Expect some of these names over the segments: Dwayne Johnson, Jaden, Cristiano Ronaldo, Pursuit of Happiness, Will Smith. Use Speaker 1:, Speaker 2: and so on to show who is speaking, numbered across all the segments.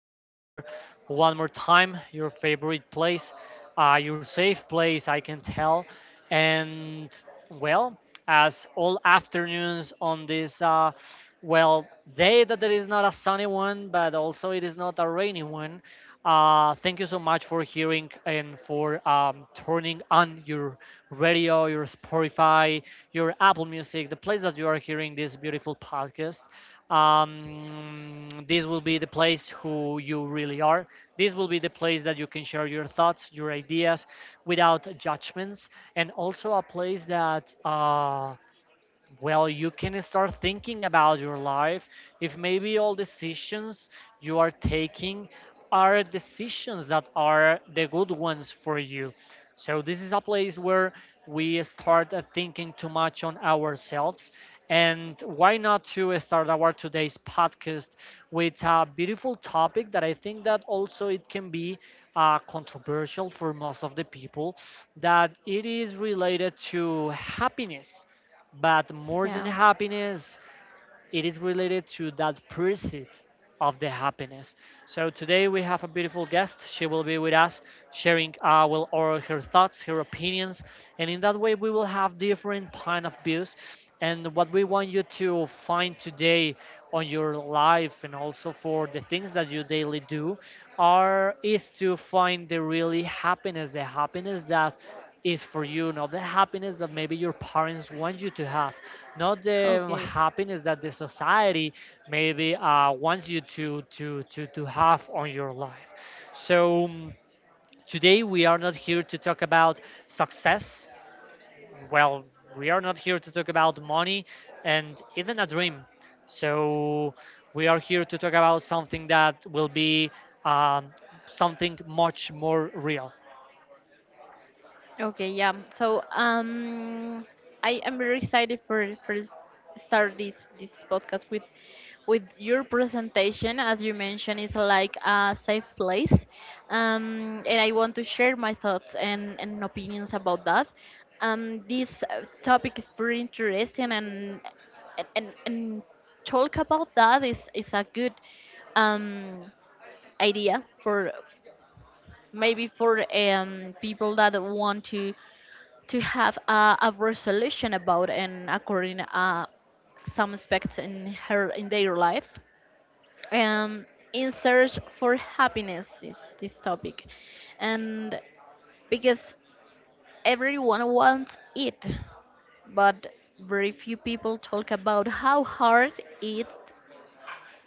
Speaker 1: being here one more time. Your favorite place, your safe place, I can tell. And well, as all afternoons on this, well, day that there is not a sunny one, but also it is not a rainy one. Thank you so much for hearing and for turning on your radio, your Spotify, your Apple Music, the place that you are hearing this beautiful podcast. Um, this will be the place who you really are. This will be the place that you can share your thoughts, your ideas, without judgments, and also a place that well, you can start thinking about your life, if maybe all decisions you are taking are decisions that are the good ones for you. So this is a place where we start thinking too much on ourselves. And why not to start our today's podcast with a beautiful topic that I think that also it can be controversial for most of the people, that it is related to happiness. But more than
Speaker 2: Yeah.
Speaker 1: happiness, it is related to that pursuit of the happiness. So today we have a beautiful guest. She will be with us, sharing well, or her thoughts, her opinions, and in that way we will have different point of views. And what we want you to find today on your life, and also for the things that you daily do are is to find the really happiness, the happiness that is for you, not the happiness that maybe your parents want you to have, not the
Speaker 2: Okay.
Speaker 1: happiness that the society maybe wants you to have on your life. So today we are not here to talk about success. Well, we are not here to talk about money and even a dream. So we are here to talk about something that will be um, something much more real.
Speaker 2: Okay. Yeah. So um, I am very excited for start this podcast with your presentation. As you mentioned, it's like a safe place, and I want to share my thoughts and opinions about that. This topic is very interesting, and and talk about that is a good um idea for maybe for people that want to have a resolution about and according some aspects in her in their lives, um, in search for happiness is this topic, and because everyone wants it, but very few people talk about how hard it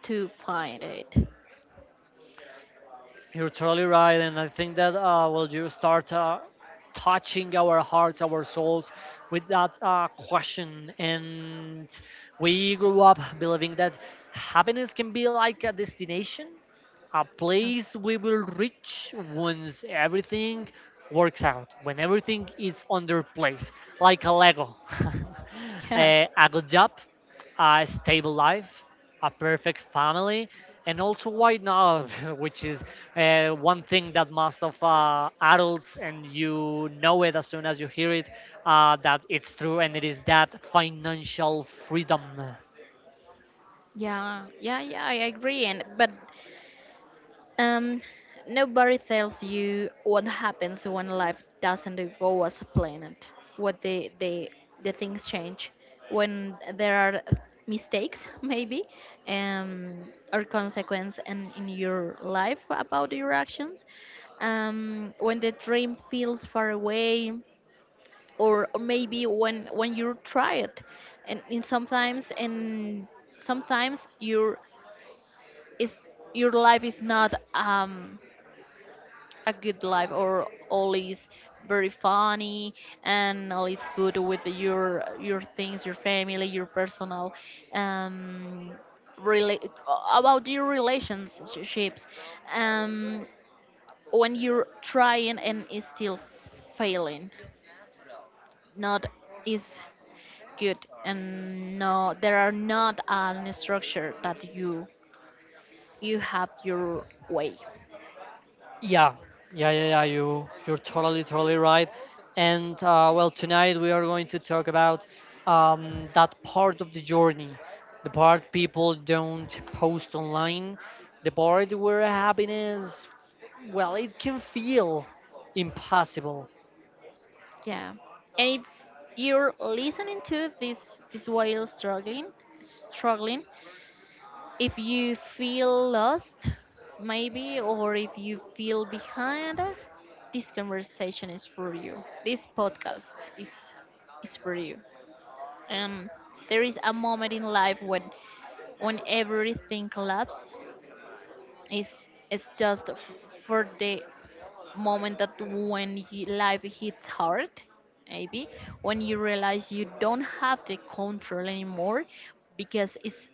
Speaker 2: to find it.
Speaker 1: You're totally right, and I think that well, you start touching our hearts, our souls, with that question, and we grew up believing that happiness can be like a destination, a place we will reach once everything works out, when everything is on their place, like a Lego.
Speaker 2: yeah yeah
Speaker 1: A good job, a stable life, a perfect family, and also why not, which is one thing that most of adults, and you know it as soon as you hear it, that it's true, and it is that financial freedom.
Speaker 2: yeah, I agree and but Um, nobody tells you what happens when life doesn't go as planned. What the the things change when there are mistakes, maybe, or consequence in your life about your actions. When the dream feels far away, or maybe when you try it, and sometimes and sometimes is your life is not a good life, or all is very funny and all is good with your things, your family, your personal, um rela- about your relationships. um when you're trying and is still failing, not is good, and no, there are not an structure that you have your way.
Speaker 1: Yeah, yeah, yeah, yeah. You're totally right. And well, tonight we are going to talk about that part of the journey, the part people don't post online, the part where happiness, well, it can feel impossible.
Speaker 2: Yeah. And if you're listening to this while struggling, if you feel lost, maybe, or if you feel behind, this conversation is for you. This podcast is for you. Um, there is a moment in life when everything collapses. It's it's just for the moment that when life hits hard, maybe when you realize you don't have the control anymore, because it's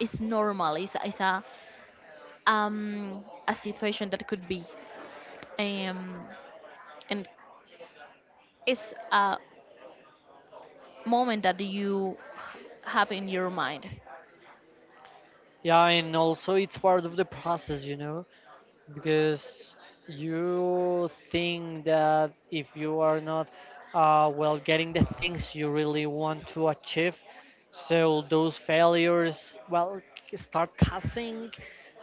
Speaker 2: it's normal. It's a situation that could be, um and it's a moment that you have in your mind.
Speaker 1: Yeah, and also it's part of the process. Because you think that if you are not well, getting the things you really want to achieve, so those failures, well, start causing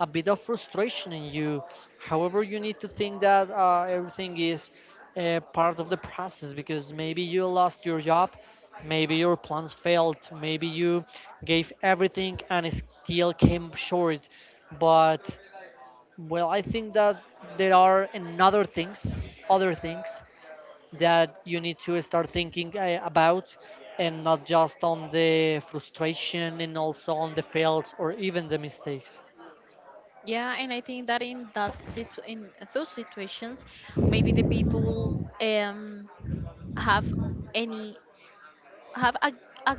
Speaker 1: a bit of frustration in you. However, you need to think that everything is part of the process, because maybe you lost your job, maybe your plans failed, maybe you gave everything and it still came short. But well, I think that there are another things, other things that you need to start thinking about, and not just on the frustration and also on the fails or even the mistakes.
Speaker 2: Yeah, and I think that in that in those situations, maybe the people have any have a,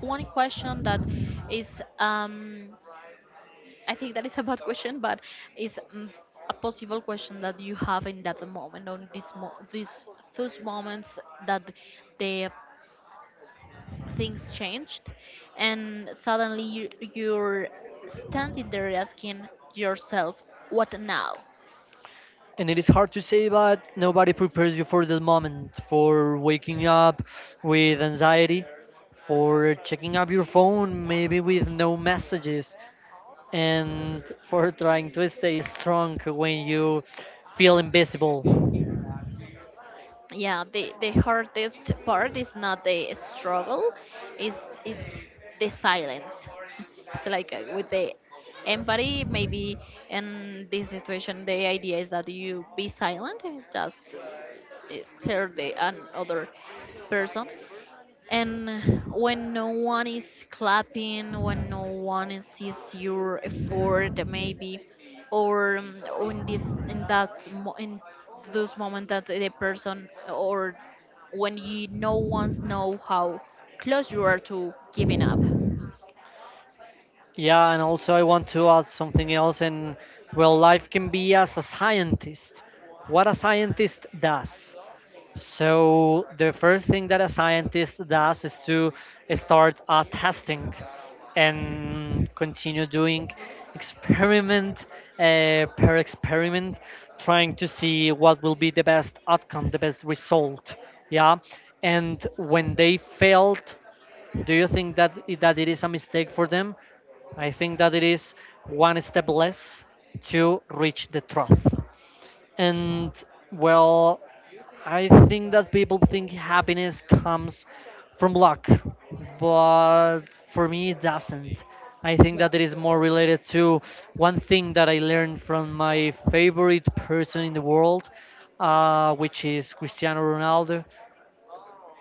Speaker 2: one question that is, I think that is a bad question, but is a possible question that you have in that moment on this mo- this those moments that the things changed, and suddenly you, you're standing there asking yourself, what now?
Speaker 1: And it is hard to say, but nobody prepares you for the moment, for waking up with anxiety, for checking up your phone, maybe with no messages, and for trying to stay strong when you feel invisible.
Speaker 2: Yeah, the hardest part is not the struggle, is it's the silence. it's like with the empathy, maybe in this situation the idea is that you be silent, just uh, hear the another person. And when no one is clapping, when no one sees your effort, maybe, or in this in that mo- in those moment that the person, or when you no one's know how close you are to giving up.
Speaker 1: Yeah, and also I want to add something else. And well, life can be as a scientist. What a scientist does. So the first thing that a scientist does is to start testing and continue doing experiment per experiment, trying to see what will be the best outcome, the best result. Yeah, and when they failed, do you think that that it is a mistake for them? I think that it is one step less to reach the trough. And well, I think that people think happiness comes from luck, but for me it doesn't. I think
Speaker 2: Yeah.
Speaker 1: that it is more related to one thing that I learned from my favorite person in the world, which is Cristiano Ronaldo,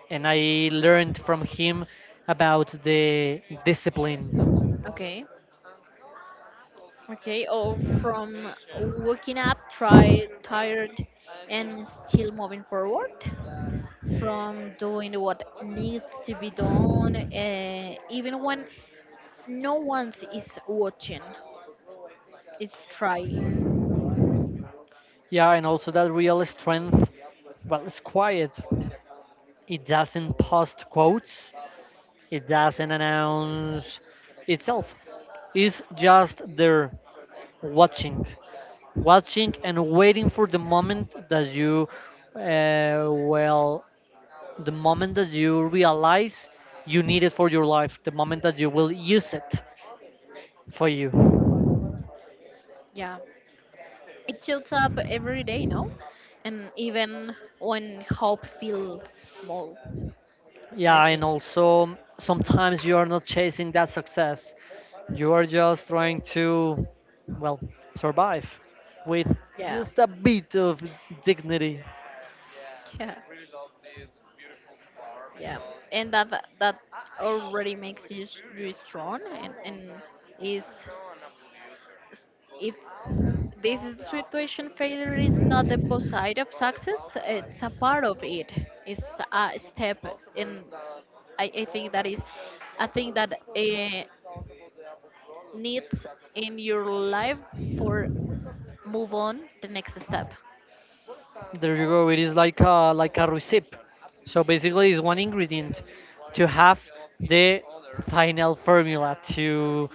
Speaker 1: and I learned from him about the discipline.
Speaker 2: Okay. Okay. Or from waking up, try tired, and still moving forward. From doing what needs to be done, even when no one is watching. Is try.
Speaker 1: Yeah, and also that real strength, well, it's quiet. It doesn't post quotes, it doesn't announce itself. It's just there watching. watching, and waiting for uh, well the moment that you realize you need it for your life, the moment that you will use it for you.
Speaker 2: Yeah, it shows up every day, no? And even when hope feels small, I
Speaker 1: Yeah, and
Speaker 2: think.
Speaker 1: also sometimes you are not chasing that success, you are just trying to, well, survive with
Speaker 2: Yeah,
Speaker 1: just a bit of dignity,
Speaker 2: yeah, yeah. And that already makes you you strong and is s- if this is the situation, failure is not the opposite of success, it's a part of it. It's a step in, I think that is a thing that needs in your life for move on the next step.
Speaker 1: you go. It is like a receipt. So basically, it's one ingredient to have the final formula to,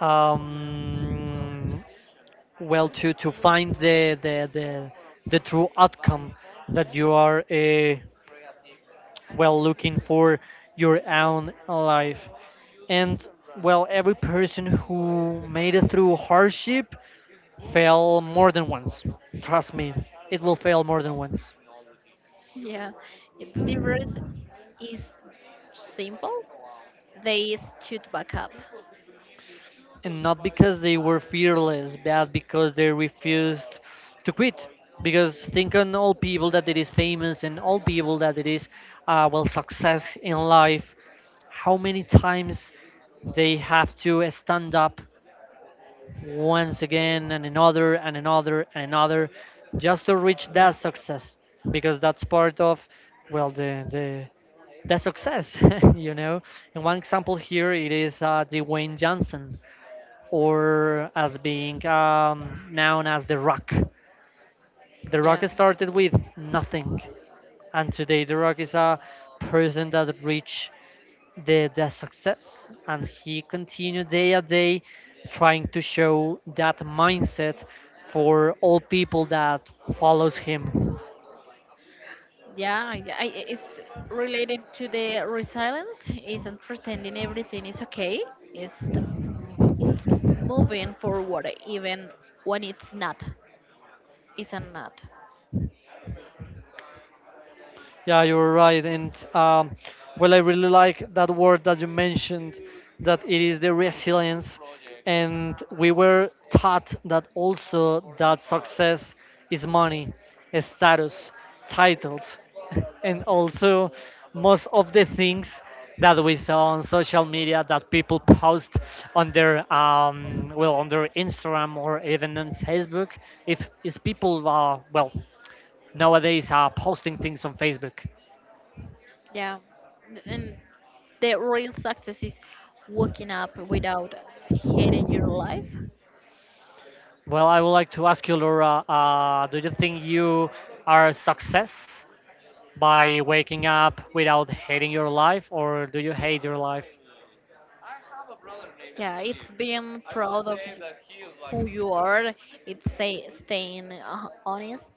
Speaker 1: um, well, to find the true outcome that you are well, looking for your own life. And well, every person who made it through hardship fail more than once. Trust me, it will fail more than once.
Speaker 2: Yeah, the difference is simple, they stood back up.
Speaker 1: And not because they were fearless, but because they refused to quit. Because think on all people that it is famous and all people that it is, well, success in life. How many times they have to stand up once again and another and another and another just to reach that
Speaker 2: Yeah.
Speaker 1: success, because that's part of, well, the success. you know and one example here it is Dwayne Johnson, or as being known as The Rock. The Rock
Speaker 2: Yeah.
Speaker 1: started with nothing, and today The Rock is a person that reached the success, and he continued day at day trying to show that mindset for all people that follows him.
Speaker 2: Yeah, it's related to the resilience. Isn't pretending everything is okay. It's it's moving forward even when it's not. Isn't not.
Speaker 1: Yeah, you're right. And well, I really like that word that you mentioned, that it is the resilience. And we were taught that also that success is money, a status, titles, and also most of the things that we saw on social media that people post on their well, on their Instagram or even on Facebook. If is people well, nowadays are posting things on Facebook.
Speaker 2: Yeah, and the real success is waking up without hating your life.
Speaker 1: Well, I would like to ask you, Laura, do you think you are a success by waking up without hating your life, or do you hate your life?
Speaker 2: Yeah, it's being proud of you, who you are. It's say, staying honest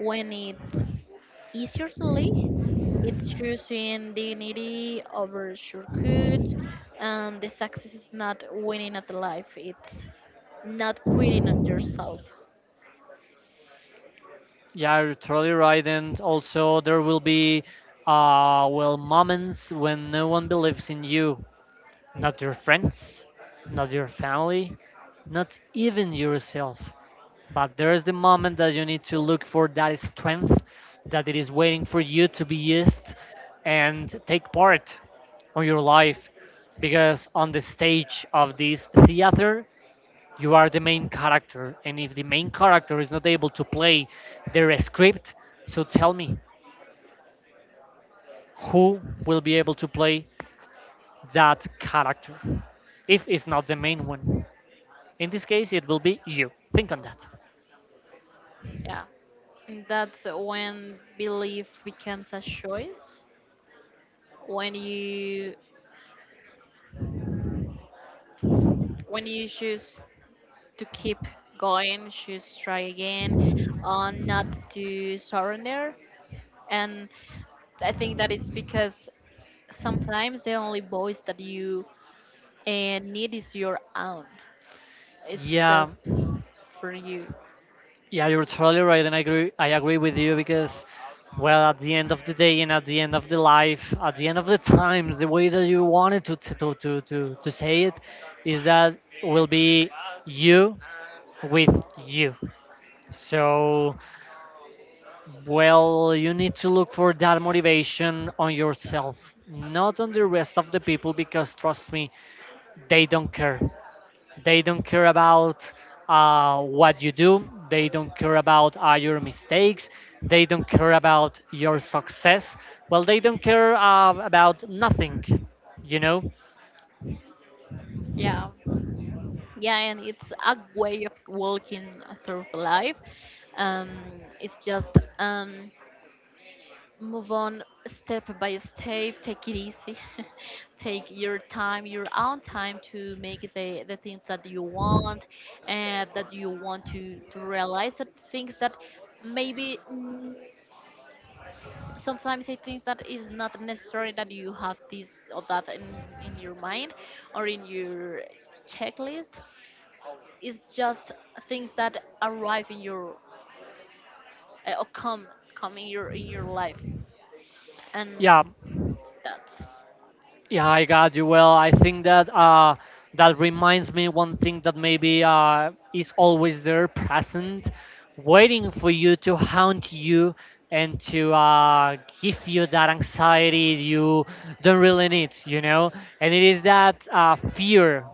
Speaker 2: when it's is usually it's choosing dignity over shortcut, and the success is not winning at life. It's not quitting on yourself.
Speaker 1: Yeah, you're totally right. And also, there will be well, moments when no one believes in you. Not your friends, not your family, not even yourself. But there is the moment that you need to look for that strength that it is waiting for you to be used and take part on your life. Because on the stage of this theater, you are the main character. And if the main character is not able to play their script, so tell me, who will be able to play that character if it's not the main one? In this case, it will be you. Think on that.
Speaker 2: Yeah, and that's when belief becomes a choice. When you when you choose to keep going, choose try again, and not to surrender. And I think that is because sometimes the only voice that you and it is your own. It's
Speaker 1: Yeah,
Speaker 2: just for you.
Speaker 1: yeah, you're totally right, and I agree. I agree with you because, well, at the end of the day and at the end of the life, at the end of the times, the way that you wanted to say it, is that will be you with you. So, well, you need to look for that motivation on yourself, not on the rest of the people, because trust me, they don't care. They don't care about what you do. They don't care about your mistakes. They don't care about your success. Well, they don't care about nothing, you know?
Speaker 2: Yeah. Yeah, and it's a way of walking through the life. Um, it's just, um, move on step by step, take it easy, take your time, your own time to make the things that you want and that you want to realize, the things that maybe sometimes I think that it's not necessary that you have this or that in your mind or in your checklist. It's just things that arrive in your or come in your life, and
Speaker 1: Yeah,
Speaker 2: that's,
Speaker 1: yeah, I got you. Well, I think that that reminds me one thing that maybe is always there, present, waiting for you to haunt you and to give you that anxiety you don't really need. And it is that fear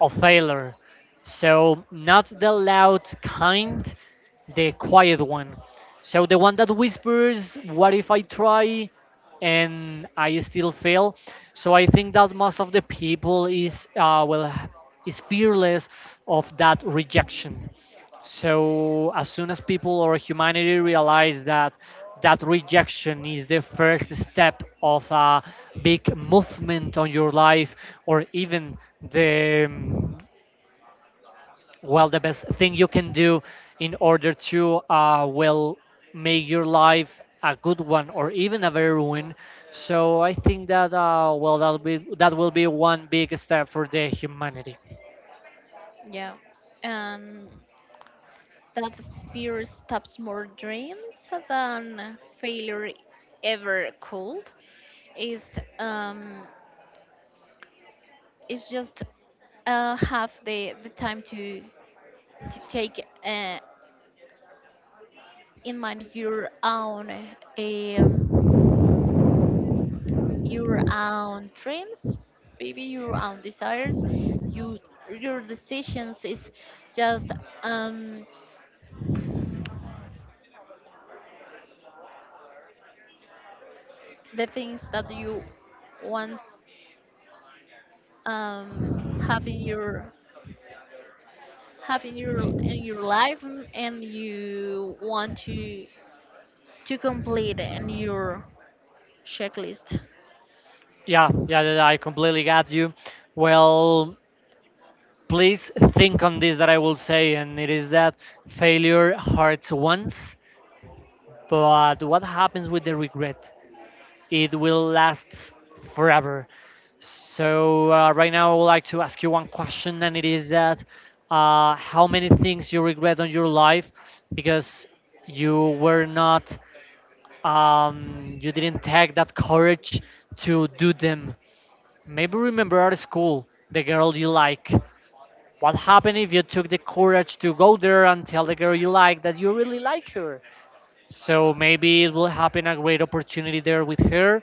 Speaker 1: a failure. So not the loud kind, the quiet one. So the one that whispers, "What if I try?" and I still fail. So I think that most of the people is well, is fearless of that rejection. So as soon as people or humanity realize that that rejection is the first step of a big movement on your life, or even the well, the best thing you can do in order to well, make your life a good one or even a very one. So I think that well, that will be one big step for the humanity.
Speaker 2: yeah, and that fear stops more dreams than failure ever could. Is, um, it's just have the time to take in mind your own, um, your own dreams, maybe your own desires, you, your decisions is just, um, the things that you want, um, have in your have in your life, and you want to complete in your checklist.
Speaker 1: Yeah, yeah, yeah, I completely got you. Well, please think on this that I will say, and it is that failure hurts once, but what happens with the regret? It will last forever. Right now, I would like to ask you one question, and it is that how many things you regret on your life because you were not, you didn't take that courage to do them. Maybe remember at school the girl you like, what happened if you took the courage to go there and tell the girl you like that you really like her? So maybe it will happen a great opportunity there with her,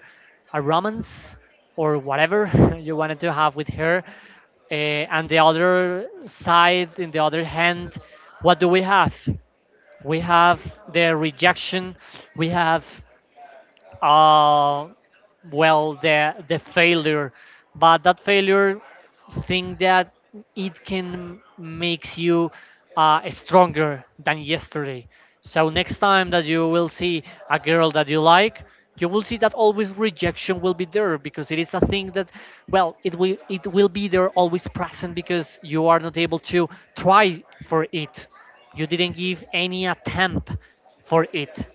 Speaker 1: a romance or whatever you wanted to have with her. Uh, and the other side, in the other hand, what do we have? We have the rejection, we have uh, well the failure, but that failure thing that it can makes you stronger than yesterday. So next time that you will see a girl that you like, you will see that always rejection will be there because it is a thing that well it will be there always present because you are not able to try for it, you didn't give any attempt for it.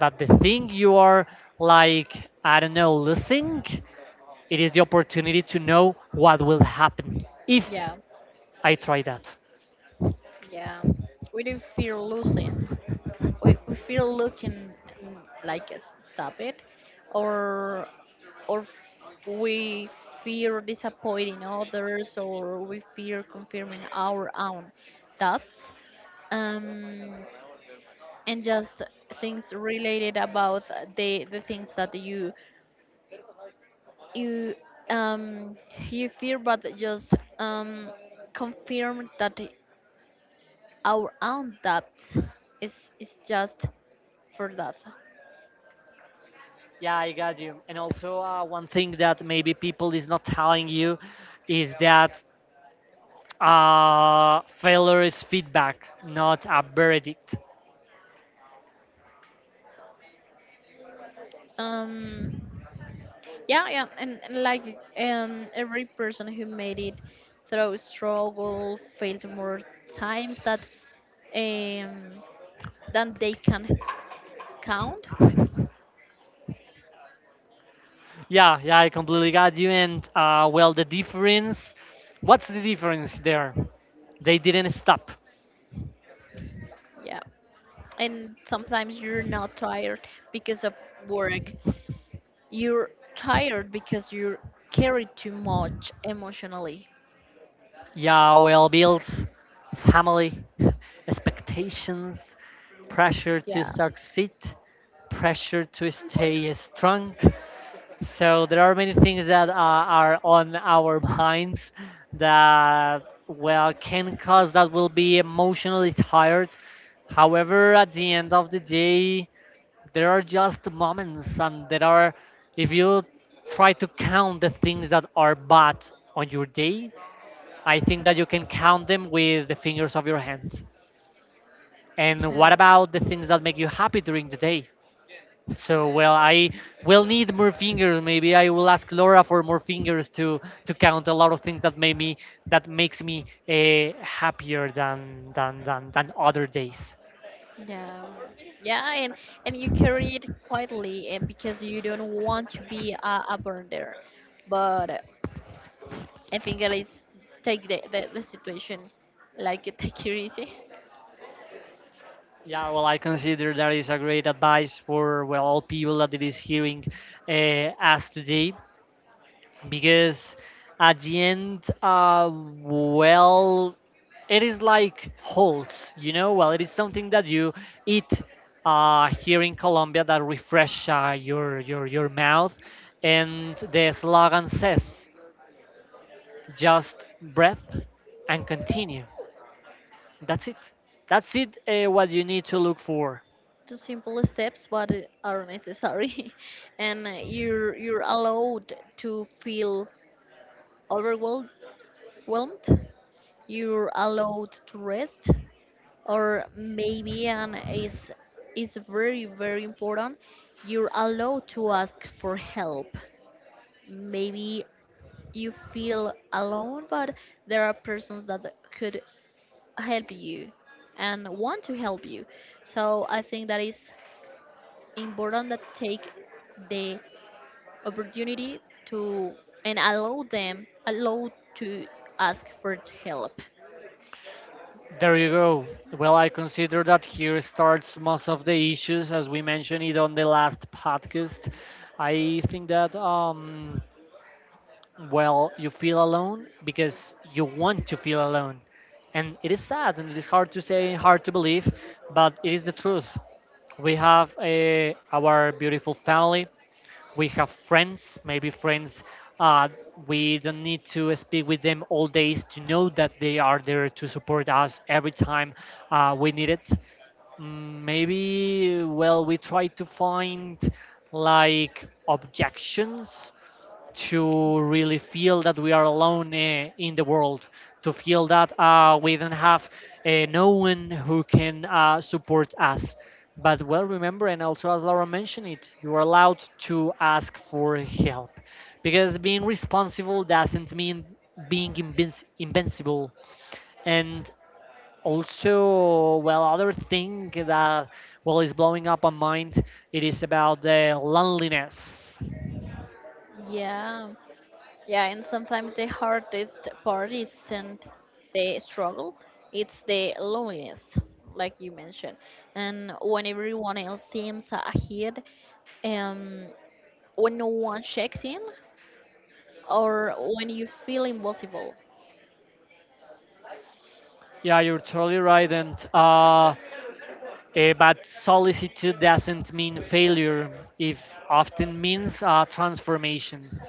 Speaker 1: But the thing you are like, I don't know, losing, it is the opportunity to know what will happen if
Speaker 2: Yeah,
Speaker 1: I try that.
Speaker 2: yeah, we don't fear losing, we feel looking, mm, like stop it, or or we fear disappointing others, or we fear confirming our own doubts, um, and just things related about the things that you, um, you fear but just, um, confirm that our own doubts is is just for that.
Speaker 1: Yeah, I got you. And also, one thing that maybe people is not telling you is that failure is feedback, not a verdict.
Speaker 2: um Yeah, yeah, and like every person who made it through struggle failed more times that, um, than they can count.
Speaker 1: Yeah, yeah, I completely got you. And well, the difference, what's the difference there? They didn't stop.
Speaker 2: Yeah, and sometimes you're not tired because of work. You're tired because you carry too much emotionally.
Speaker 1: Yeah, well, bills, family, expectations, pressure to
Speaker 2: Yeah,
Speaker 1: succeed, pressure to stay strong. So there are many things that are on our minds that well can cause that will be emotionally tired. However, at the end of the day, there are just moments, and there are, if you try to count the things that are bad on your day, I think that you can count them with the fingers of your hand. And what
Speaker 2: yeah,
Speaker 1: about the things that make you happy during the day? So well, I will need more fingers. Maybe I will ask Laura for more fingers to count a lot of things that made me, that makes me happier than other days.
Speaker 2: yeah, yeah, and and you carry it quietly and because you don't want to be a burden there, but. I think that is take the situation like take it easy.
Speaker 1: Yeah, well, I consider that is a great advice for well all people that it is hearing us today, because at the end well it is like halt, you know, well it is something that you eat here in Colombia that refresh uh, your your mouth, and the slogan says, just breath and continue. That's it. That's it, what you need to look for.
Speaker 2: Two simple steps, but are necessary, and you're allowed to feel overwhelmed. Whelmed. You're allowed to rest, or maybe and is very very important. You're allowed to ask for help. Maybe you feel alone, but there are persons that could help you and want to help you. So I think that is important that take the opportunity to and allow them allow to ask for help.
Speaker 1: There you go. Well, I consider that here starts most of the issues as we mentioned it on the last podcast. I think that well, you feel alone because you want to feel alone. And it is sad and it is hard to say, hard to believe, but it is the truth. We have our beautiful family, we have friends, maybe friends, uh, we don't need to speak with them all days to know that they are there to support us every time we need it. Mm, maybe well we try to find like objections to
Speaker 2: Okay.
Speaker 1: really feel that we are alone in the world, to feel that we don't have no one who can support us. But well, remember, and also as Laura mentioned it, you are allowed to ask for help because being responsible doesn't mean being invincible. And also, well, other thing that well is blowing up my mind, it is about the loneliness.
Speaker 2: Yeah, yeah, and sometimes the hardest part isn't the struggle, it's the loneliness, like you mentioned. And when everyone else seems ahead, um, when no one checks in, or when you feel impossible.
Speaker 1: Yeah, you're totally right. And but solicitude doesn't mean failure. It often means transformation.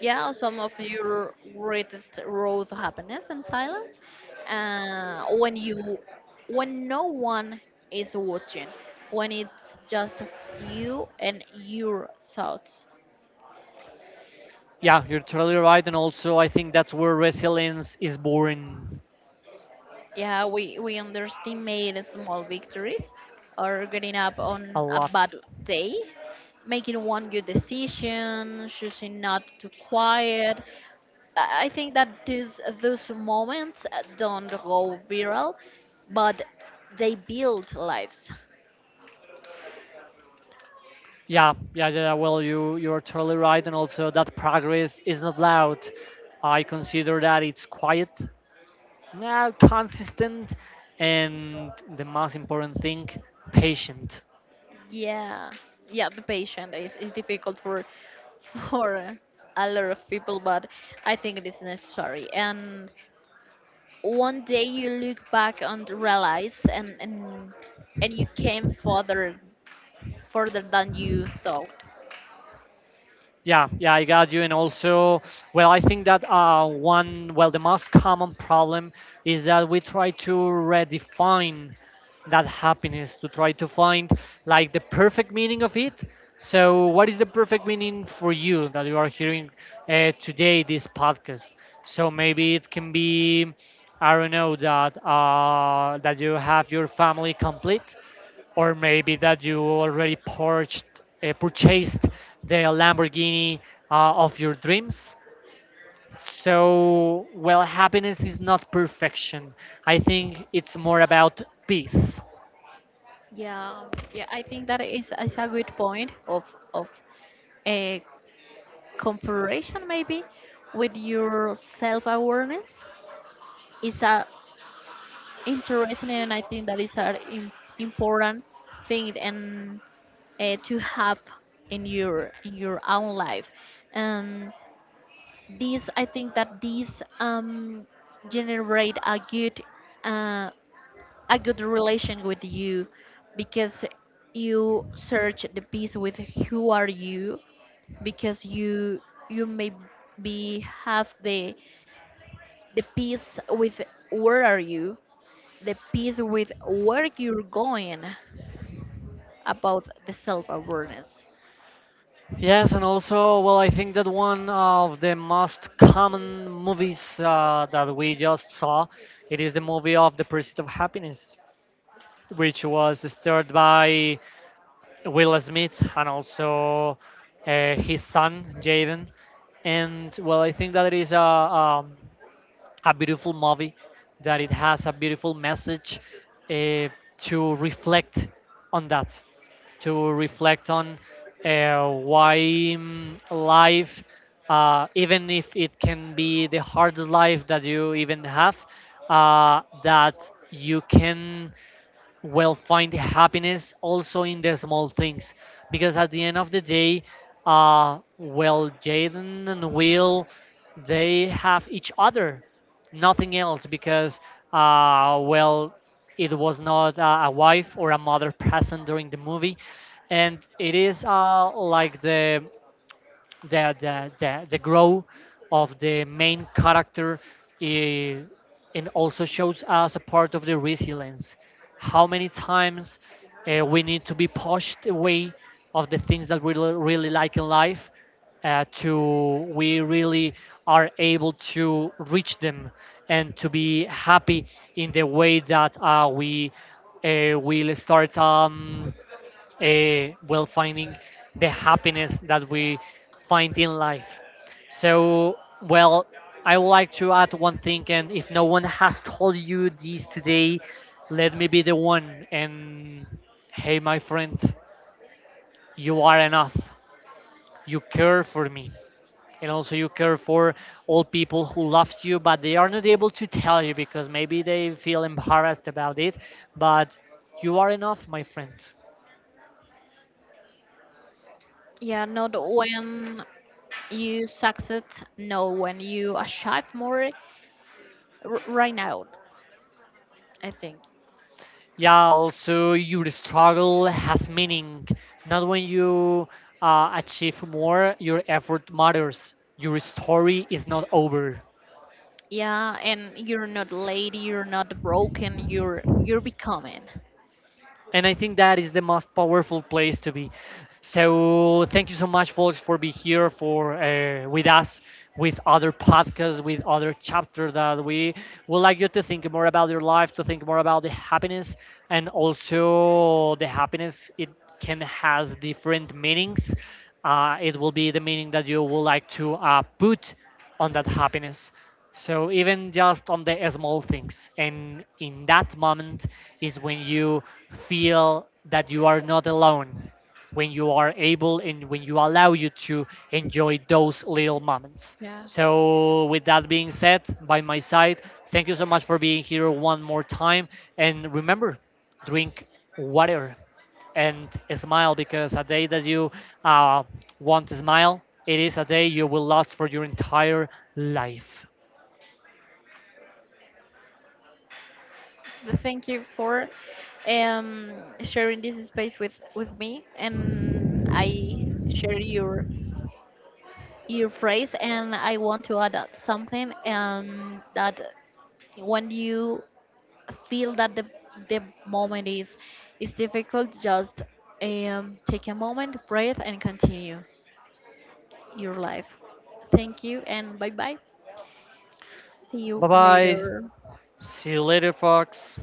Speaker 2: Yeah, some of your greatest road to happiness and silence, when you, when no one is watching, when it's just you and your thoughts.
Speaker 1: Yeah, you're totally right. And also, I think that's where resilience is born
Speaker 2: Yeah, we underestimate small victories, or getting up
Speaker 1: a
Speaker 2: on a
Speaker 1: lot.
Speaker 2: bad day, making one good decision, choosing not to quiet, I think that these those moments don't go viral, but they build lives.
Speaker 1: Yeah, yeah, yeah. Well, you're totally right. And also, that progress is not loud. I consider that it's quiet, yeah, consistent, and the most important thing, patient.
Speaker 2: Yeah, yeah. The patient is difficult for for a lot of people, but I think it is necessary. And one day you look back and realize, and you came further than you thought.
Speaker 1: Yeah, yeah, I got you. And also, well, I think that one, well, the most common problem is that we try to redefine that happiness to try to find like the perfect meaning of it. So, what is the perfect meaning for you that you are hearing today this podcast? So maybe it can be, I don't know, that that you have your family complete, or maybe that you already purchased purchased the Lamborghini of your dreams. So, well, happiness is not perfection. I think it's more about peace.
Speaker 2: Yeah, yeah. I think that is a good point of of. Uh, comparison maybe with your self awareness is a interesting, and I think that is an important thing, and to have in your own life. Um, this I think that this, generate a good, uh, a good relation with you, because you search the peace with who are you, because you may be have the peace with where are you, the peace with where you're going, about the self awareness.
Speaker 1: Yes, and also, well, I think that one of the most common movies that we just saw, it is the movie of the Pursuit of Happiness, which was starred by Will Smith and also his son Jaden. And well, I think that it is a beautiful movie that it has a beautiful message uh, to reflect on that, to reflect on why mm, life, even if it can be the hardest life that you even have, that you can well find happiness also in the small things, because at the end of the day well Jaden and Will, they have each other, nothing else, because well it was not a wife or a mother present during the movie. And it is like the growth of the main character, eh, and also shows us a part of the resilience, how many times we need to be pushed away of the things that we really like in life, to we really are able to reach them and to be happy in the way that we will start well finding the happiness that we find in life. So, well, I would like to add one thing, and if no one has told you this today, let me be the one. And hey, my friend, you are enough. You care for me. And also, you care for all people who loves you, but they are not able to tell you because maybe they feel embarrassed about it. But you are enough, my friend.
Speaker 2: Yeah, not when you succeed, no, when you achieve more right now, I think.
Speaker 1: Yeah, also your struggle has meaning. Not when you achieve more, your effort matters. Your story is not over.
Speaker 2: Yeah, and you're not late, you're not broken, you're becoming.
Speaker 1: And I think that is the most powerful place to be. So thank you so much, folks, for being here for with us, with other podcasts, with other chapters, that we would like you to think more about your life, to think more about the happiness, and also the happiness it can has different meanings. It will be the meaning that you would like to put on that happiness. So even just on the small things, and in that moment is when you feel that you are not alone, when you are able and when you allow you to enjoy those little moments.
Speaker 2: Yeah.
Speaker 1: So with that being said, by my side, thank you so much for being here one more time, and remember, drink water and smile, because a day that you uh, want to smile, it is a day you will last for your entire life.
Speaker 2: But thank you for um sharing this space with me, and I share your phrase, and I want to add that something that when you feel that the moment is difficult, just take a moment, breathe and continue your life. Thank you and bye bye, see
Speaker 1: Bye
Speaker 2: you
Speaker 1: bye.
Speaker 2: later.
Speaker 1: See you later, Fox.